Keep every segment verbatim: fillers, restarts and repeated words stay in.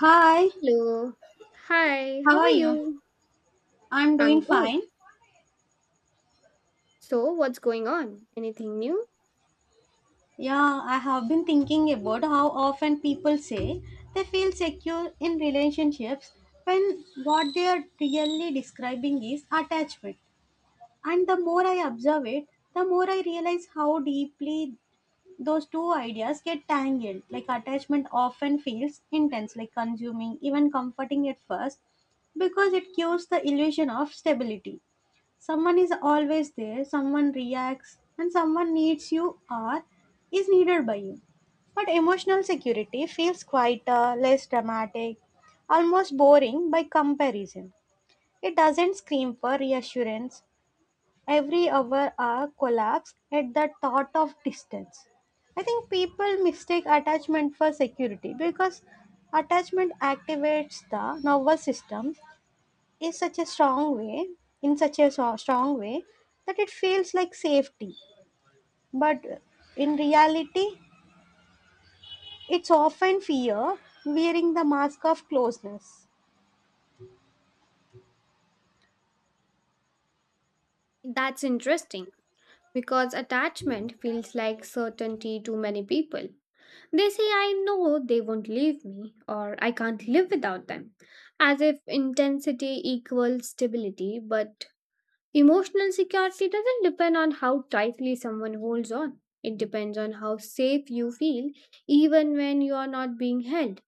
Hi, Hello. Hi, how how are are you? you? I'm I'm doing good. fine. So, what's going on? Anything new? Yeah, I have been thinking about how often people say they feel secure in relationships when what they are really describing is attachment. And the more I observe it, the more I realize how deeply those two ideas get tangled. Like attachment often feels intense, like consuming, even comforting at first, because it gives the illusion of stability. Someone is always there, someone reacts, and someone needs you or is needed by you. But emotional security feels quieter, less dramatic, almost boring by comparison. It doesn't scream for reassurance. Every hour a collapse at the thought of distance. I think people mistake attachment for security because attachment activates the nervous system is such a strong way in such a so- strong way that it feels like safety, but in reality it's often fear wearing the mask of closeness. That's interesting because attachment feels like certainty to many people. They say, I know they won't leave me or I can't live without them, as if intensity equals stability. But emotional security doesn't depend on how tightly someone holds on, it depends on how safe you feel even when you are not being held.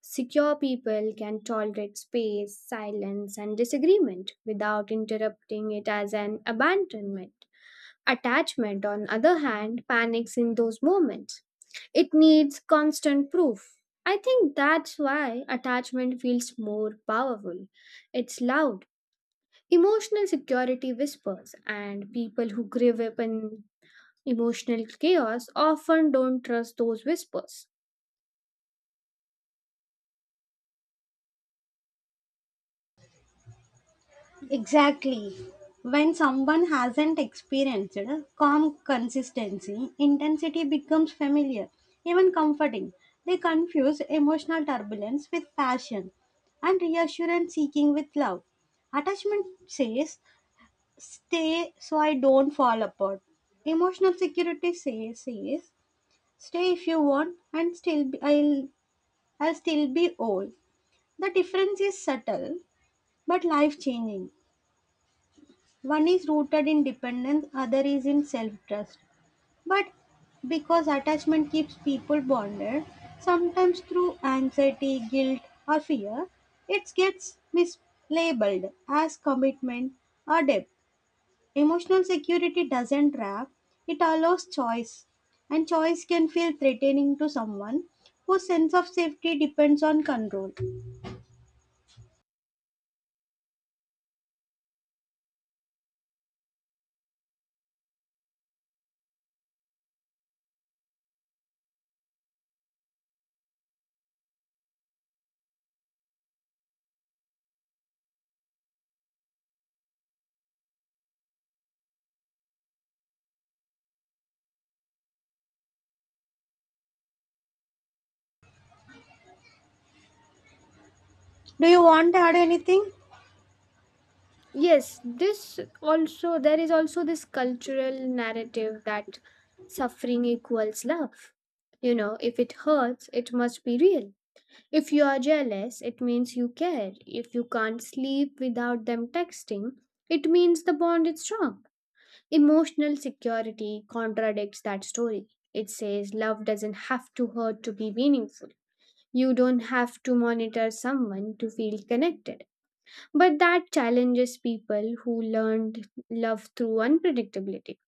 Secure people can tolerate space, silence, and disagreement without interrupting it as an abandonment. Attachment, on other hand, panics in those moments. It needs constant proof. I think that's why attachment feels more powerful. It's loud. Emotional security whispers, and people who grieve up in emotional chaos often don't trust those whispers. Exactly. When someone hasn't experienced calm consistency, intensity becomes familiar, even comforting. They confuse emotional turbulence with passion and reassurance seeking with love. Attachment says stay so I don't fall apart. Emotional security says, says stay if you want and still be, I'll I'll still be old. The difference is subtle but life changing. One is rooted in dependence, other is in self trust. But because attachment keeps people bonded, sometimes through anxiety, guilt, or fear, it gets mislabeled as commitment or debt. Emotional security doesn't trap, it allows choice. And choice can feel threatening to someone whose sense of safety depends on control. Do you want to add anything? Yes, this also, there is also this cultural narrative that suffering equals love. You know, if it hurts, it must be real. If you are jealous, it means you care. If you can't sleep without them texting, it means the bond is strong. Emotional security contradicts that story. It says love doesn't have to hurt to be meaningful. You don't have to monitor someone to feel connected, but that challenges people who learned love through unpredictability.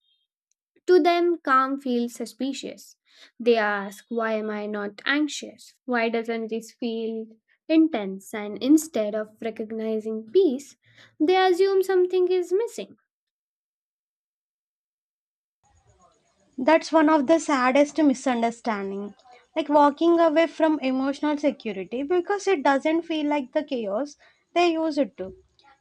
To them, calm feels suspicious. They ask, why am I not anxious? Why doesn't this feel intense? And instead of recognizing peace, they assume something is missing. That's one of the saddest misunderstanding. Like walking away from emotional security because it doesn't feel like the chaos they use it to.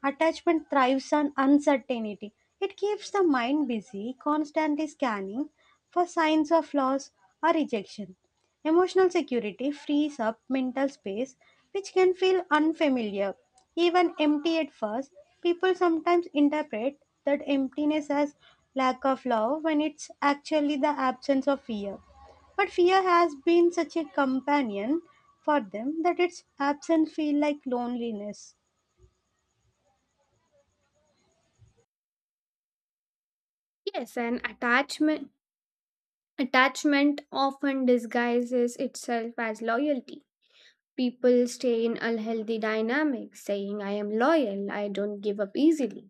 Attachment thrives on uncertainty. It keeps the mind busy, constantly scanning for signs of loss or rejection. Emotional security frees up mental space, which can feel unfamiliar. Even empty at first, people sometimes interpret that emptiness as lack of love when it's actually the absence of fear. But fear has been such a companion for them that its absence feels like loneliness. Yes, and attachment. Attachment often disguises itself as loyalty. People stay in unhealthy dynamics, saying, I am loyal, I don't give up easily.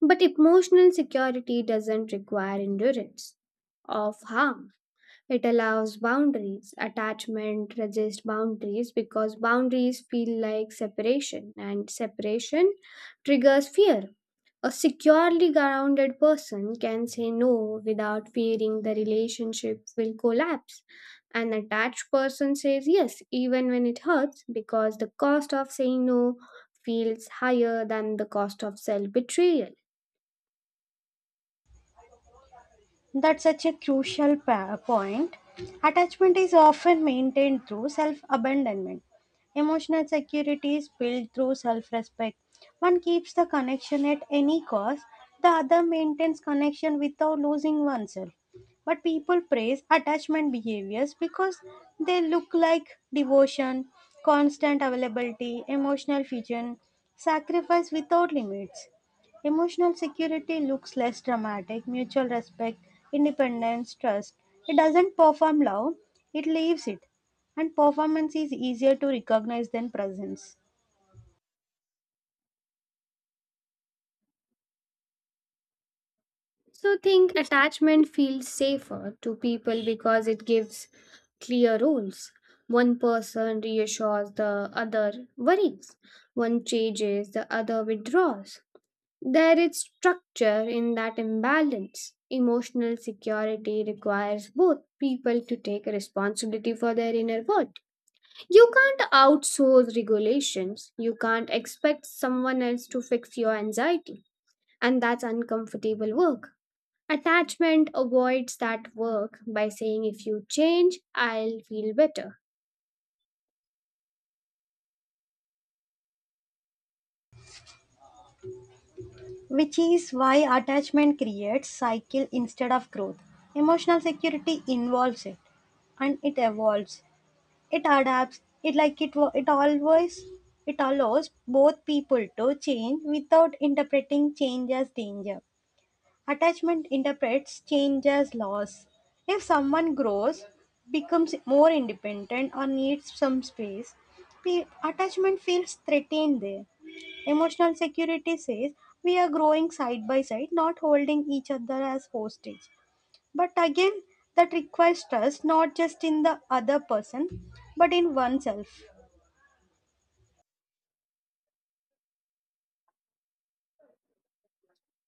But emotional security doesn't require endurance of harm. It allows boundaries. Attachment resists boundaries because boundaries feel like separation, and separation triggers fear. A securely grounded person can say no without fearing the relationship will collapse. An attached person says yes even when it hurts because the cost of saying no feels higher than the cost of self betrayal. That's such a crucial pa- point. Attachment is often maintained through self abandonment. Emotional security is built through self respect. One keeps the connection at any cost, the other maintains connection without losing oneself. But people praise attachment behaviors because they look like devotion, constant availability, emotional fusion, sacrifice without limits. Emotional security looks less dramatic, mutual respect, independence, trust. It doesn't perform love, it leaves it. And performance is easier to recognize than presence, So think attachment feels safer to people because it gives clear rules. One person reassures, the other worries. One changes, the other withdraws. There is structure in that imbalance. Emotional security requires both people to take responsibility for their inner world. You can't outsource regulations. You can't expect someone else to fix your anxiety. And that's uncomfortable work. Attachment avoids that work by saying, if you change, I'll feel better. which is why attachment creates cycle instead of growth. Emotional security involves it and it evolves. It adapts. It like it wa- it always it allows both people to change without interpreting change as danger. Attachment interprets change as loss. If someone grows, becomes more independent, or needs some space, pe- attachment feels threatened there. Emotional security says we are growing side by side, not holding each other as hostage. But again, that requires trust not just in the other person, but in oneself.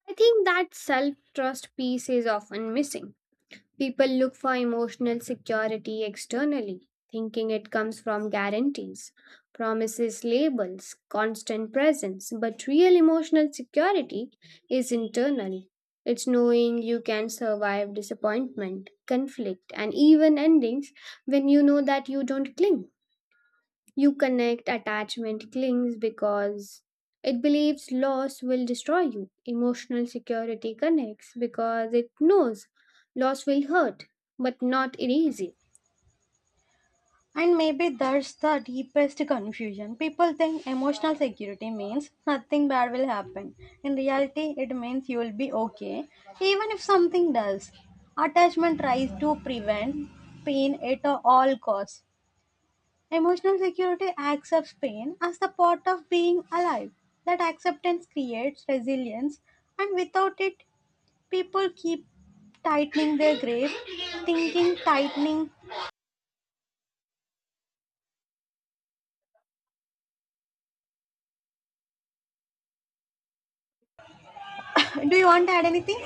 I think that self trust piece is often missing. People look for emotional security externally, thinking it comes from guarantees, promises, labels, constant presence. But real emotional security is internal. It's knowing you can survive disappointment, conflict, and even endings. When you know that, you don't cling. You connect. Attachment clings because it believes loss will destroy you. Emotional security connects because it knows loss will hurt, but not erase it. And maybe that's the deepest confusion. People think emotional security means nothing bad will happen. In reality, it means you will be okay, even if something does. Attachment tries to prevent pain at all costs. Emotional security accepts pain as the part of being alive. That acceptance creates resilience, and without it, people keep tightening their grip, thinking, tightening. Do you want to add anything?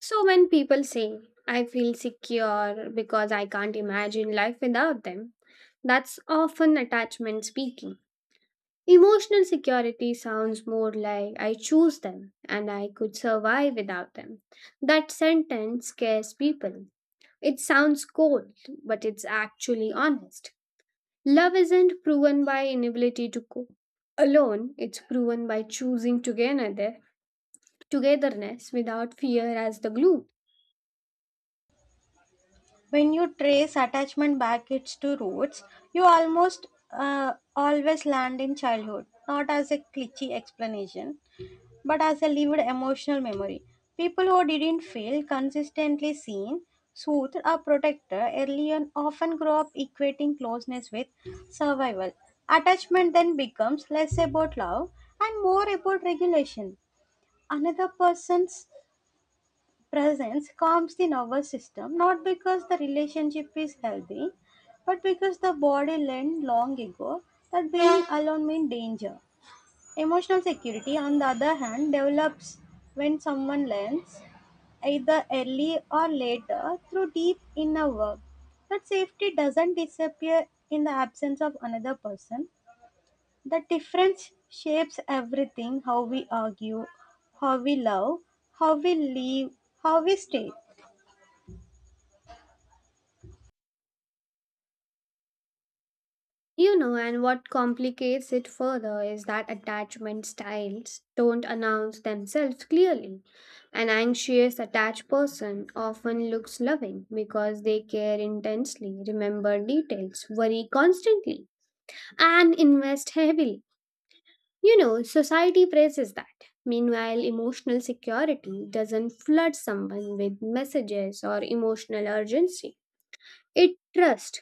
So when people say, I feel secure because I can't imagine life without them, that's often attachment speaking. Emotional security sounds more like, I choose them and I could survive without them. That sentence scares people. It sounds cold, but it's actually honest. Love isn't proven by inability to cope alone, it's proven by choosing together, togetherness without fear as the glue. When you trace attachment back to roots, you almost uh, always land in childhood, not as a cliche explanation, but as a lived emotional memory. People who didn't feel consistently seen, soothed, or protected early on often grow up equating closeness with survival. Attachment then becomes less about love and more about regulation. Another person's presence calms the nervous system not because the relationship is healthy, but because the body learned long ago that being alone means danger. Emotional security, on the other hand, develops when someone learns either early or later through deep inner work. That safety doesn't disappear in the absence of another person. The difference shapes everything, how we argue, how we love, how we live, how we stay. You know, and what complicates it further is that attachment styles don't announce themselves clearly. An anxious, attached person often looks loving because they care intensely, remember details, worry constantly, and invest heavily. You know, society praises that. Meanwhile, emotional security doesn't flood someone with messages or emotional urgency. It trusts,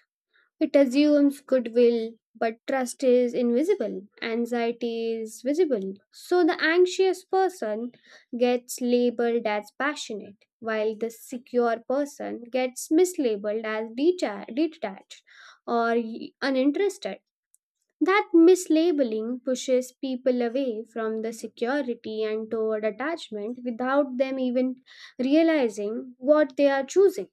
it assumes goodwill, but trust is invisible, anxiety is visible. So the anxious person gets labeled as passionate, while the secure person gets mislabeled as deta- detached or uninterested. That mislabeling pushes people away from the security and toward attachment without them even realizing what they are choosing.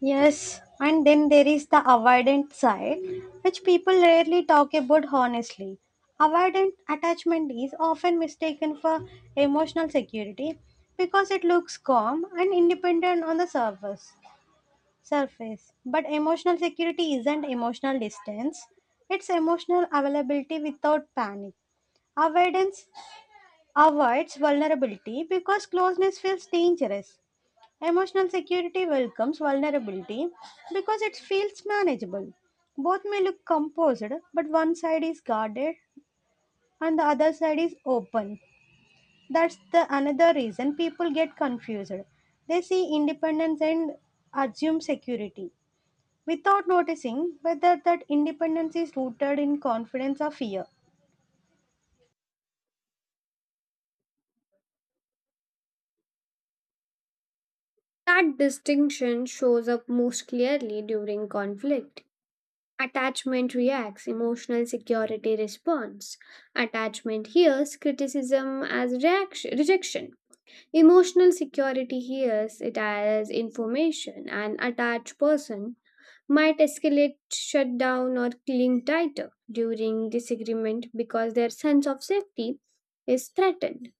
Yes, and then there is the avoidant side, which people rarely talk about honestly. Avoidant attachment is often mistaken for emotional security because it looks calm and independent on the surface. Surface, but emotional security isn't emotional distance; it's emotional availability without panic. Avoidance avoids vulnerability because closeness feels dangerous. Emotional security welcomes vulnerability because it feels manageable. Both may look composed, but one side is guarded and the other side is open. That's the another reason people get confused. They see independence and assume security without noticing whether that independence is rooted in confidence or fear. That distinction shows up most clearly during conflict. Attachment reacts, emotional security responds. Attachment hears criticism as reaction, rejection. Emotional security hears it as information. An attached person might escalate, shut down, or cling tighter during disagreement because their sense of safety is threatened.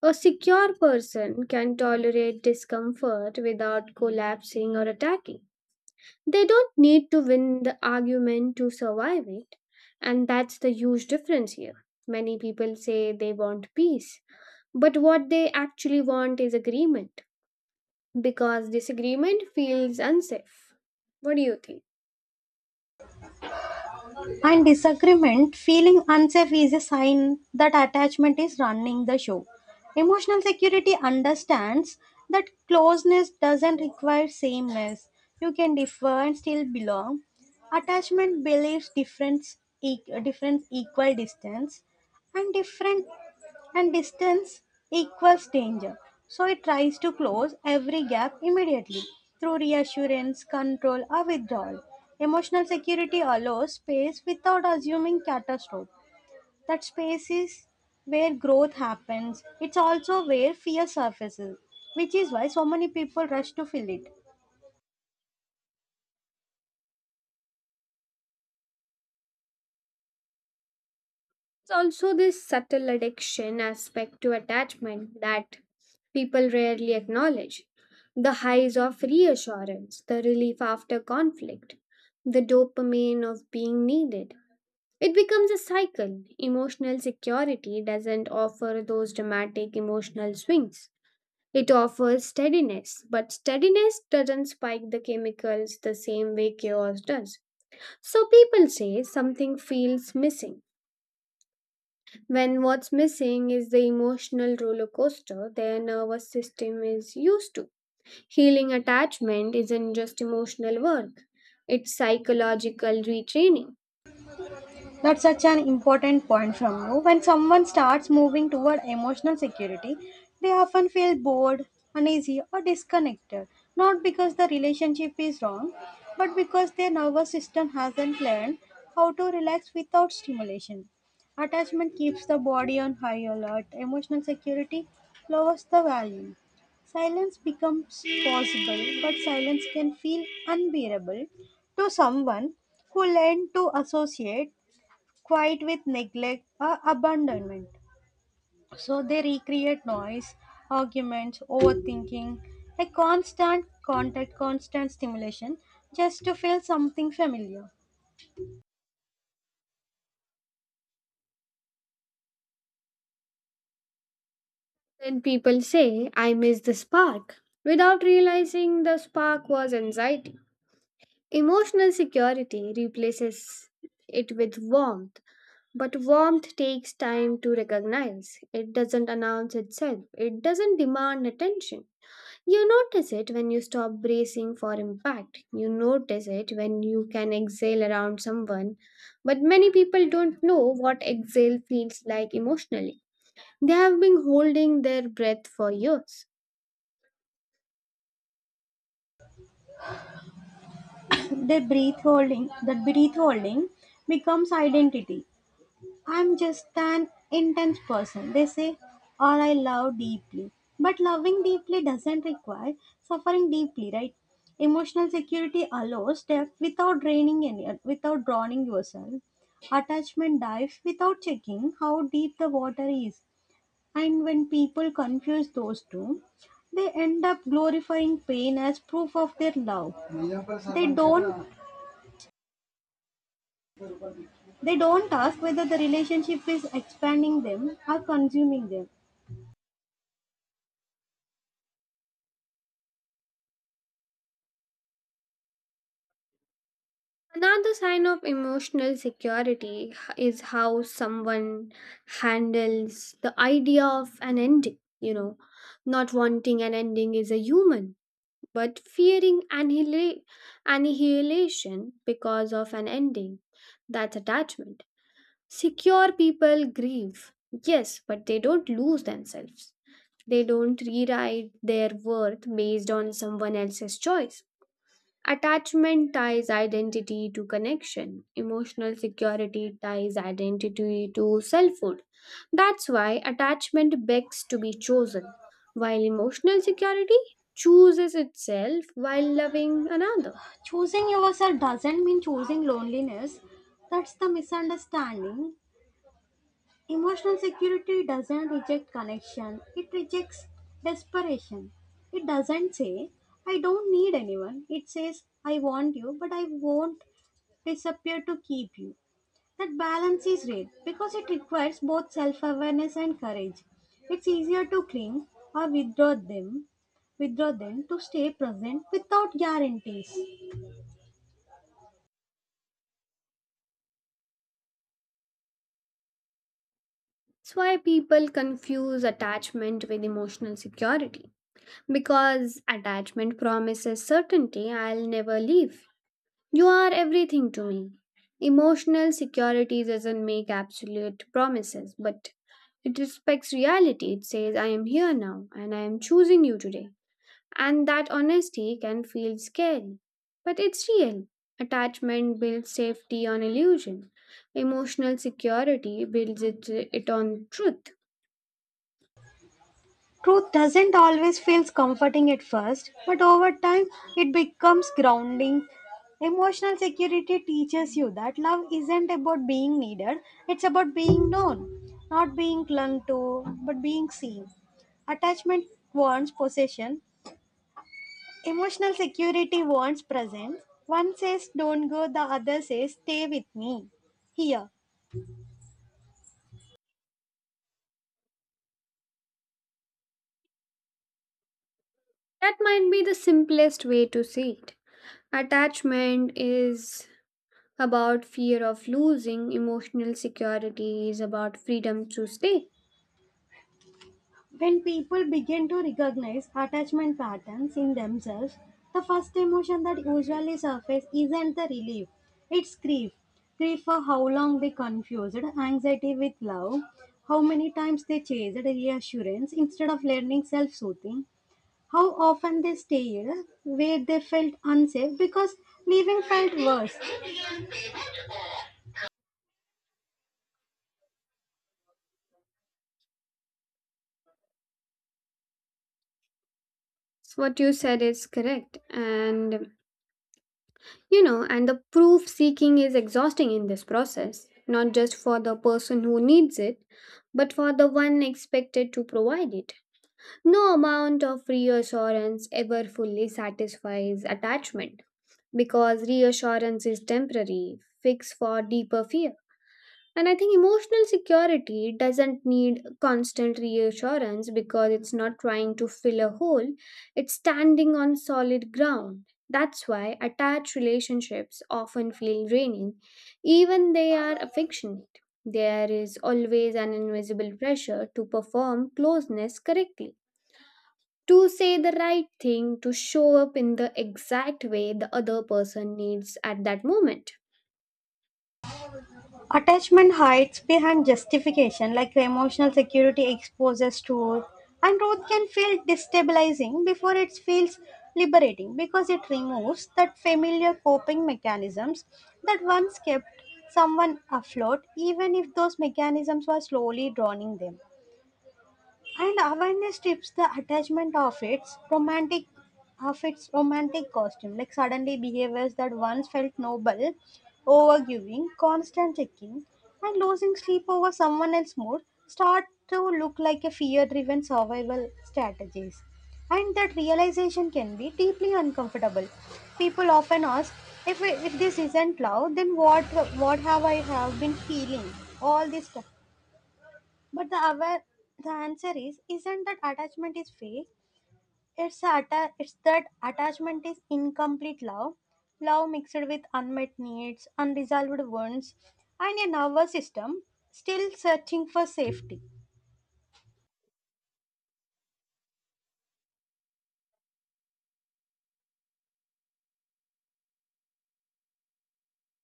A secure person can tolerate discomfort without collapsing or attacking. They don't need to win the argument to survive it. And that's the huge difference here. Many people say they want peace, but what they actually want is agreement because disagreement feels unsafe. What do you think? And disagreement, feeling unsafe is a sign that attachment is running the show. Emotional security understands that closeness doesn't require sameness. You can differ and still belong. Attachment believes difference, e- difference equal distance and different and distance equals danger, so it tries to close every gap immediately through reassurance control or withdrawal. Emotional security allows space without assuming catastrophe. That space is where growth happens. It's also where fear surfaces, which is why so many people rush to fill it. It's also this subtle addiction aspect to attachment that people rarely acknowledge. The highs of reassurance, the relief after conflict, the dopamine of being needed. It becomes a cycle. Emotional security doesn't offer those dramatic emotional swings. It offers steadiness, but steadiness doesn't spike the chemicals the same way chaos does. So people say something feels missing when what's missing is the emotional roller coaster their nervous system is used to. Healing attachment isn't just emotional work, it's psychological retraining. That's such an important point from you. When someone starts moving toward emotional security, they often feel bored, uneasy, or disconnected. Not because the relationship is wrong, but because their nervous system hasn't learned how to relax without stimulation. Attachment keeps the body on high alert, emotional security lowers the volume. Silence becomes possible, but silence can feel unbearable to someone who learned to associate quiet with neglect or abandonment. So they recreate noise, arguments, overthinking, a constant contact, constant stimulation just to feel something familiar. Then people say, I miss the spark, without realizing the spark was anxiety. Emotional security replaces it with warmth, but warmth takes time to recognize. It doesn't announce itself, it doesn't demand attention. You notice it when you stop bracing for impact. You notice it when you can exhale around someone. But many people don't know what exhale feels like emotionally. They have been holding their breath for years. They breath holding, that breath holding becomes identity. I'm just an intense person, they say, or I love deeply. But loving deeply doesn't require suffering deeply, right? Emotional security allows depth without draining any, without drowning yourself. Attachment dives without checking how deep the water is. And when people confuse those two, they end up glorifying pain as proof of their love. They don't they don't ask whether the relationship is expanding them or consuming them. Another sign of emotional security is how someone handles the idea of an ending. You know, not wanting an ending is a human, but fearing annihila- annihilation because of an ending, that's attachment. Secure people grieve, yes, but they don't lose themselves. They don't rewrite their worth based on someone else's choice. Attachment ties identity to connection. Emotional security ties identity to selfhood. That's why attachment begs to be chosen, while emotional security chooses itself while loving another. Choosing yourself doesn't mean choosing loneliness. That's the misunderstanding. Emotional security doesn't reject connection, it rejects desperation. It doesn't say, I don't need anyone. It says, I want you, but I won't disappear to keep you. That balance is rare because it requires both self awareness and courage. It's easier to cling or withdraw them, withdraw them to stay present without guarantees. That's why people confuse attachment with emotional security, because attachment promises certainty. I'll never leave. You are everything to me. Emotional security doesn't make absolute promises, but it respects reality. It says, I am here now and I am choosing you today. And that honesty can feel scary, but it's real. Attachment builds safety on illusion, emotional security builds it, it on truth. Truth doesn't always feel comforting at first, but over time it becomes grounding. Emotional security teaches you that love isn't about being needed, it's about being known, not being clung to, but being seen. Attachment wants possession, emotional security wants presence. One says, Don't go, the other says, Stay with me. Here. That might be the simplest way to see it. Attachment is about fear of losing, emotional security is about freedom to stay. When people begin to recognize attachment patterns in themselves, the first emotion that usually surfaces isn't the relief, it's grief. Grief for how long they confused anxiety with love, how many times they chased reassurance instead of learning self soothing, how often they stayed where they felt unsafe because leaving felt worse. So what you said is correct, and you know, and the proof seeking is exhausting in this process, not just for the person who needs it, but for the one expected to provide it. No amount of reassurance ever fully satisfies attachment because reassurance is temporary, fixed for deeper fear. And I think emotional security doesn't need constant reassurance because it's not trying to fill a hole, it's standing on solid ground. That's why attached relationships often feel draining, even they are affectionate. There is always an invisible pressure to perform closeness correctly, to say the right thing, to show up in the exact way the other person needs at that moment. Attachment hides behind justification, like emotional security exposes truth, and truth can feel destabilizing before it feels liberating because it removes that familiar coping mechanisms that once kept someone afloat, even if those mechanisms were slowly drowning them. And awareness strips the attachment of its romantic, of its romantic costume. Like suddenly behaviors that once felt noble, overgiving, constant checking, and losing sleep over someone else's mood start to look like a fear driven survival strategies. And that realization can be deeply uncomfortable. People often ask, if, if this isn't love then what what have I have been feeling all this time. But the aware the answer is isn't that attachment is fake. It's a atta- it's that attachment is incomplete love, love mixed with unmet needs, unresolved wounds, and a nervous system still searching for safety.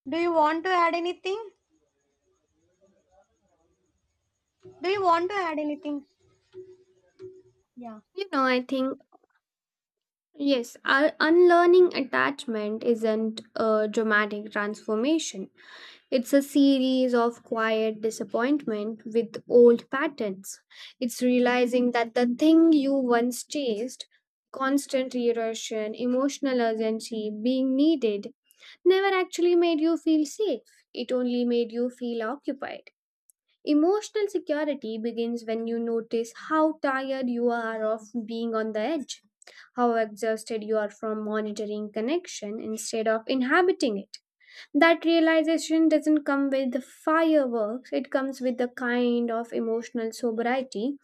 Do you want to add anything? Do you want to add anything? Yeah. You know, I think Yes, our unlearning attachment isn't a dramatic transformation. It's a series of quiet disappointment with old patterns. It's realizing that the thing you once chased, constant erosion, emotional urgency, being needed, never actually made you feel safe. It only made you feel occupied. Emotional security begins when you notice how tired you are of being on the edge, how exhausted you are from monitoring connection instead of inhabiting it. That realization doesn't come with the fireworks, it comes with the kind of emotional sobriety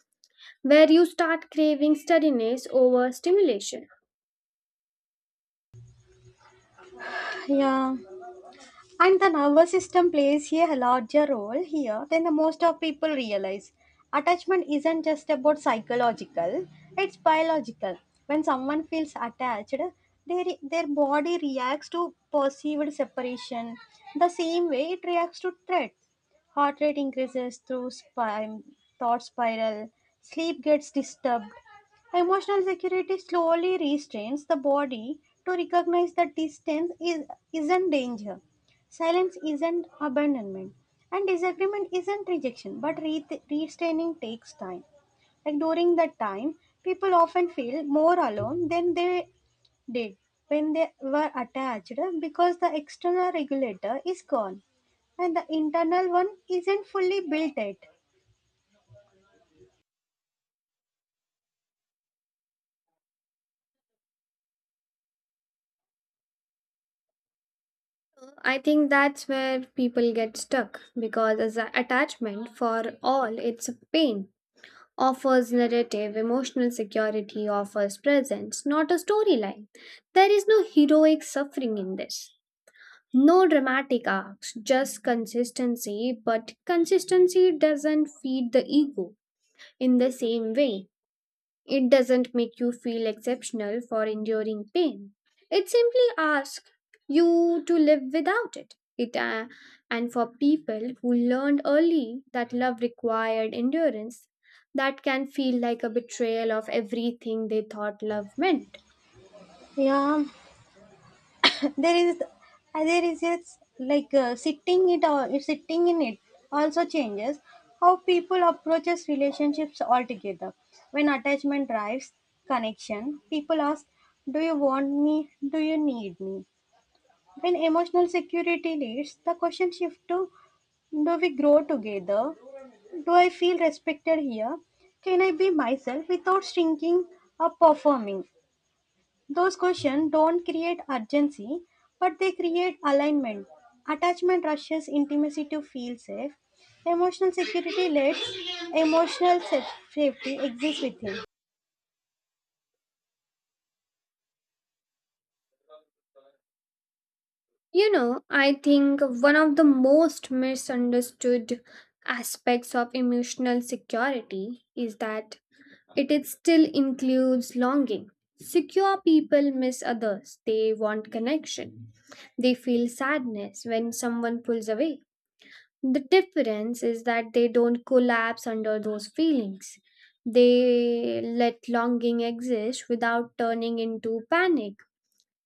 where you start craving steadiness over stimulation. Yeah. And the nervous system plays a larger role here than the most of people realize. Attachment isn't just about psychological, it's biological. When someone feels attached, their, their body reacts to perceived separation the same way it reacts to threat. Heart rate increases through spine, thought spiral, sleep gets disturbed. Emotional security slowly restrains the body to recognize that distance is, isn't danger. Silence isn't abandonment, and disagreement isn't rejection, but re- restraining takes time. Like during that time, people often feel more alone than they did when they were attached because the external regulator is gone and the internal one isn't fully built yet. I think that's where people get stuck because as a attachment for all it's a pain offers narrative, emotional security offers presence, not a storyline. There is no heroic suffering in this. No dramatic arcs, just consistency, but consistency doesn't feed the ego in the same way. It doesn't make you feel exceptional for enduring pain. It simply asks you to live without it. It uh, And for people who learned early that love required endurance, that can feel like a betrayal of everything they thought love meant. Yeah, there is uh, there is it's like uh, sitting it or sitting in it also changes how people approaches relationships altogether. When attachment drives connection, people ask, do you want me, do you need me? When emotional security leads, the question shift to, do we grow together, do I feel respected here, can I be myself without shrinking or performing? Those questions don't create urgency, but they create alignment. Attachment rushes intimacy to feel safe. Emotional security lets emotional sa- safety exist within. You know, I think one of the most misunderstood aspects of emotional security is that it is still includes longing. Secure people miss others. They want connection. They feel sadness when someone pulls away. The difference is that they don't collapse under those feelings. They let longing exist without turning into panic.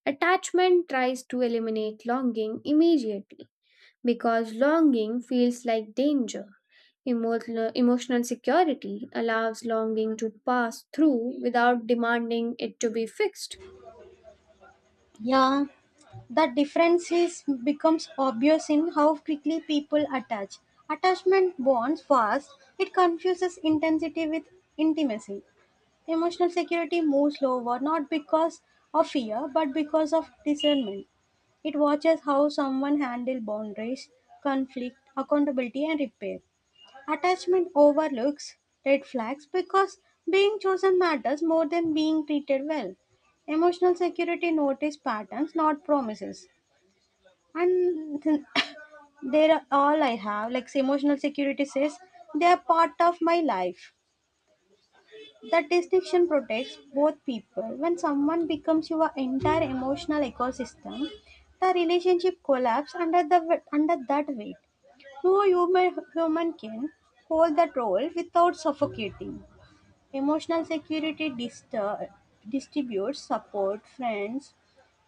Attachment tries to eliminate longing immediately because longing feels like danger. Emotional, emotional security allows longing to pass through without demanding it to be fixed. Yeah, the difference is becomes obvious in how quickly people attach. Attachment bonds fast. It confuses intensity with intimacy. Emotional security moves slower not because of fear but because of discernment. It watches how someone handles boundaries, conflict, accountability, and repair. Attachment overlooks red flags because being chosen matters more than being treated well. Emotional security notice patterns, not promises. And they are all I have. Like emotional security says, they are part of my life. That distinction protects both people. When someone becomes your entire emotional ecosystem, the relationship collapses under the w- under that weight. No human human can hold that role without suffocating. Emotional security distur- distributes support, friends,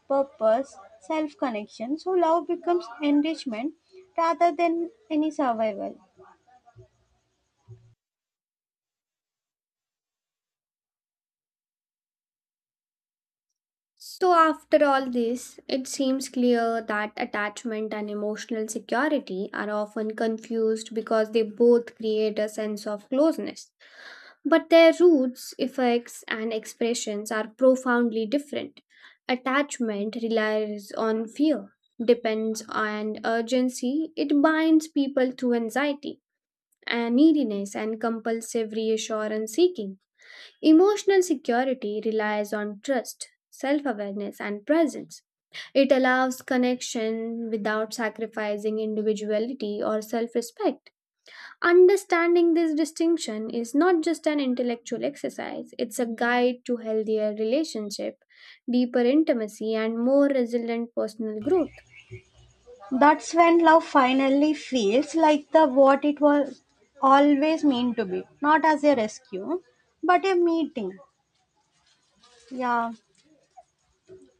purpose, self connection. So love becomes enrichment rather than any survival. So, after all this, it seems clear that attachment and emotional security are often confused because they both create a sense of closeness. But their roots, effects, and expressions are profoundly different. Attachment relies on fear, depends on urgency, it binds people to anxiety and neediness and compulsive reassurance seeking. Emotional security relies on trust, self awareness, and presence. It allows connection without sacrificing individuality or self respect. Understanding this distinction is not just an intellectual exercise, it's a guide to healthier relationship, deeper intimacy, and more resilient personal growth. That's when love finally feels like the what it was always meant to be, not as a rescue, but a meeting. Yeah,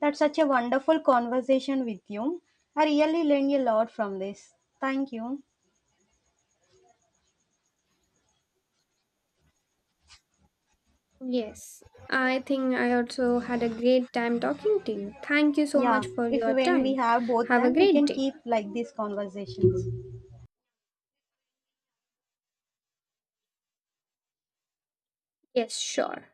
that's such a wonderful conversation with you. I really learned a lot from this. Thank you. Yes, I think I also had a great time talking to you. Thank you so Yeah, much for if your when we time. have both Have a time, we great can day. keep like these conversations. Yes, sure.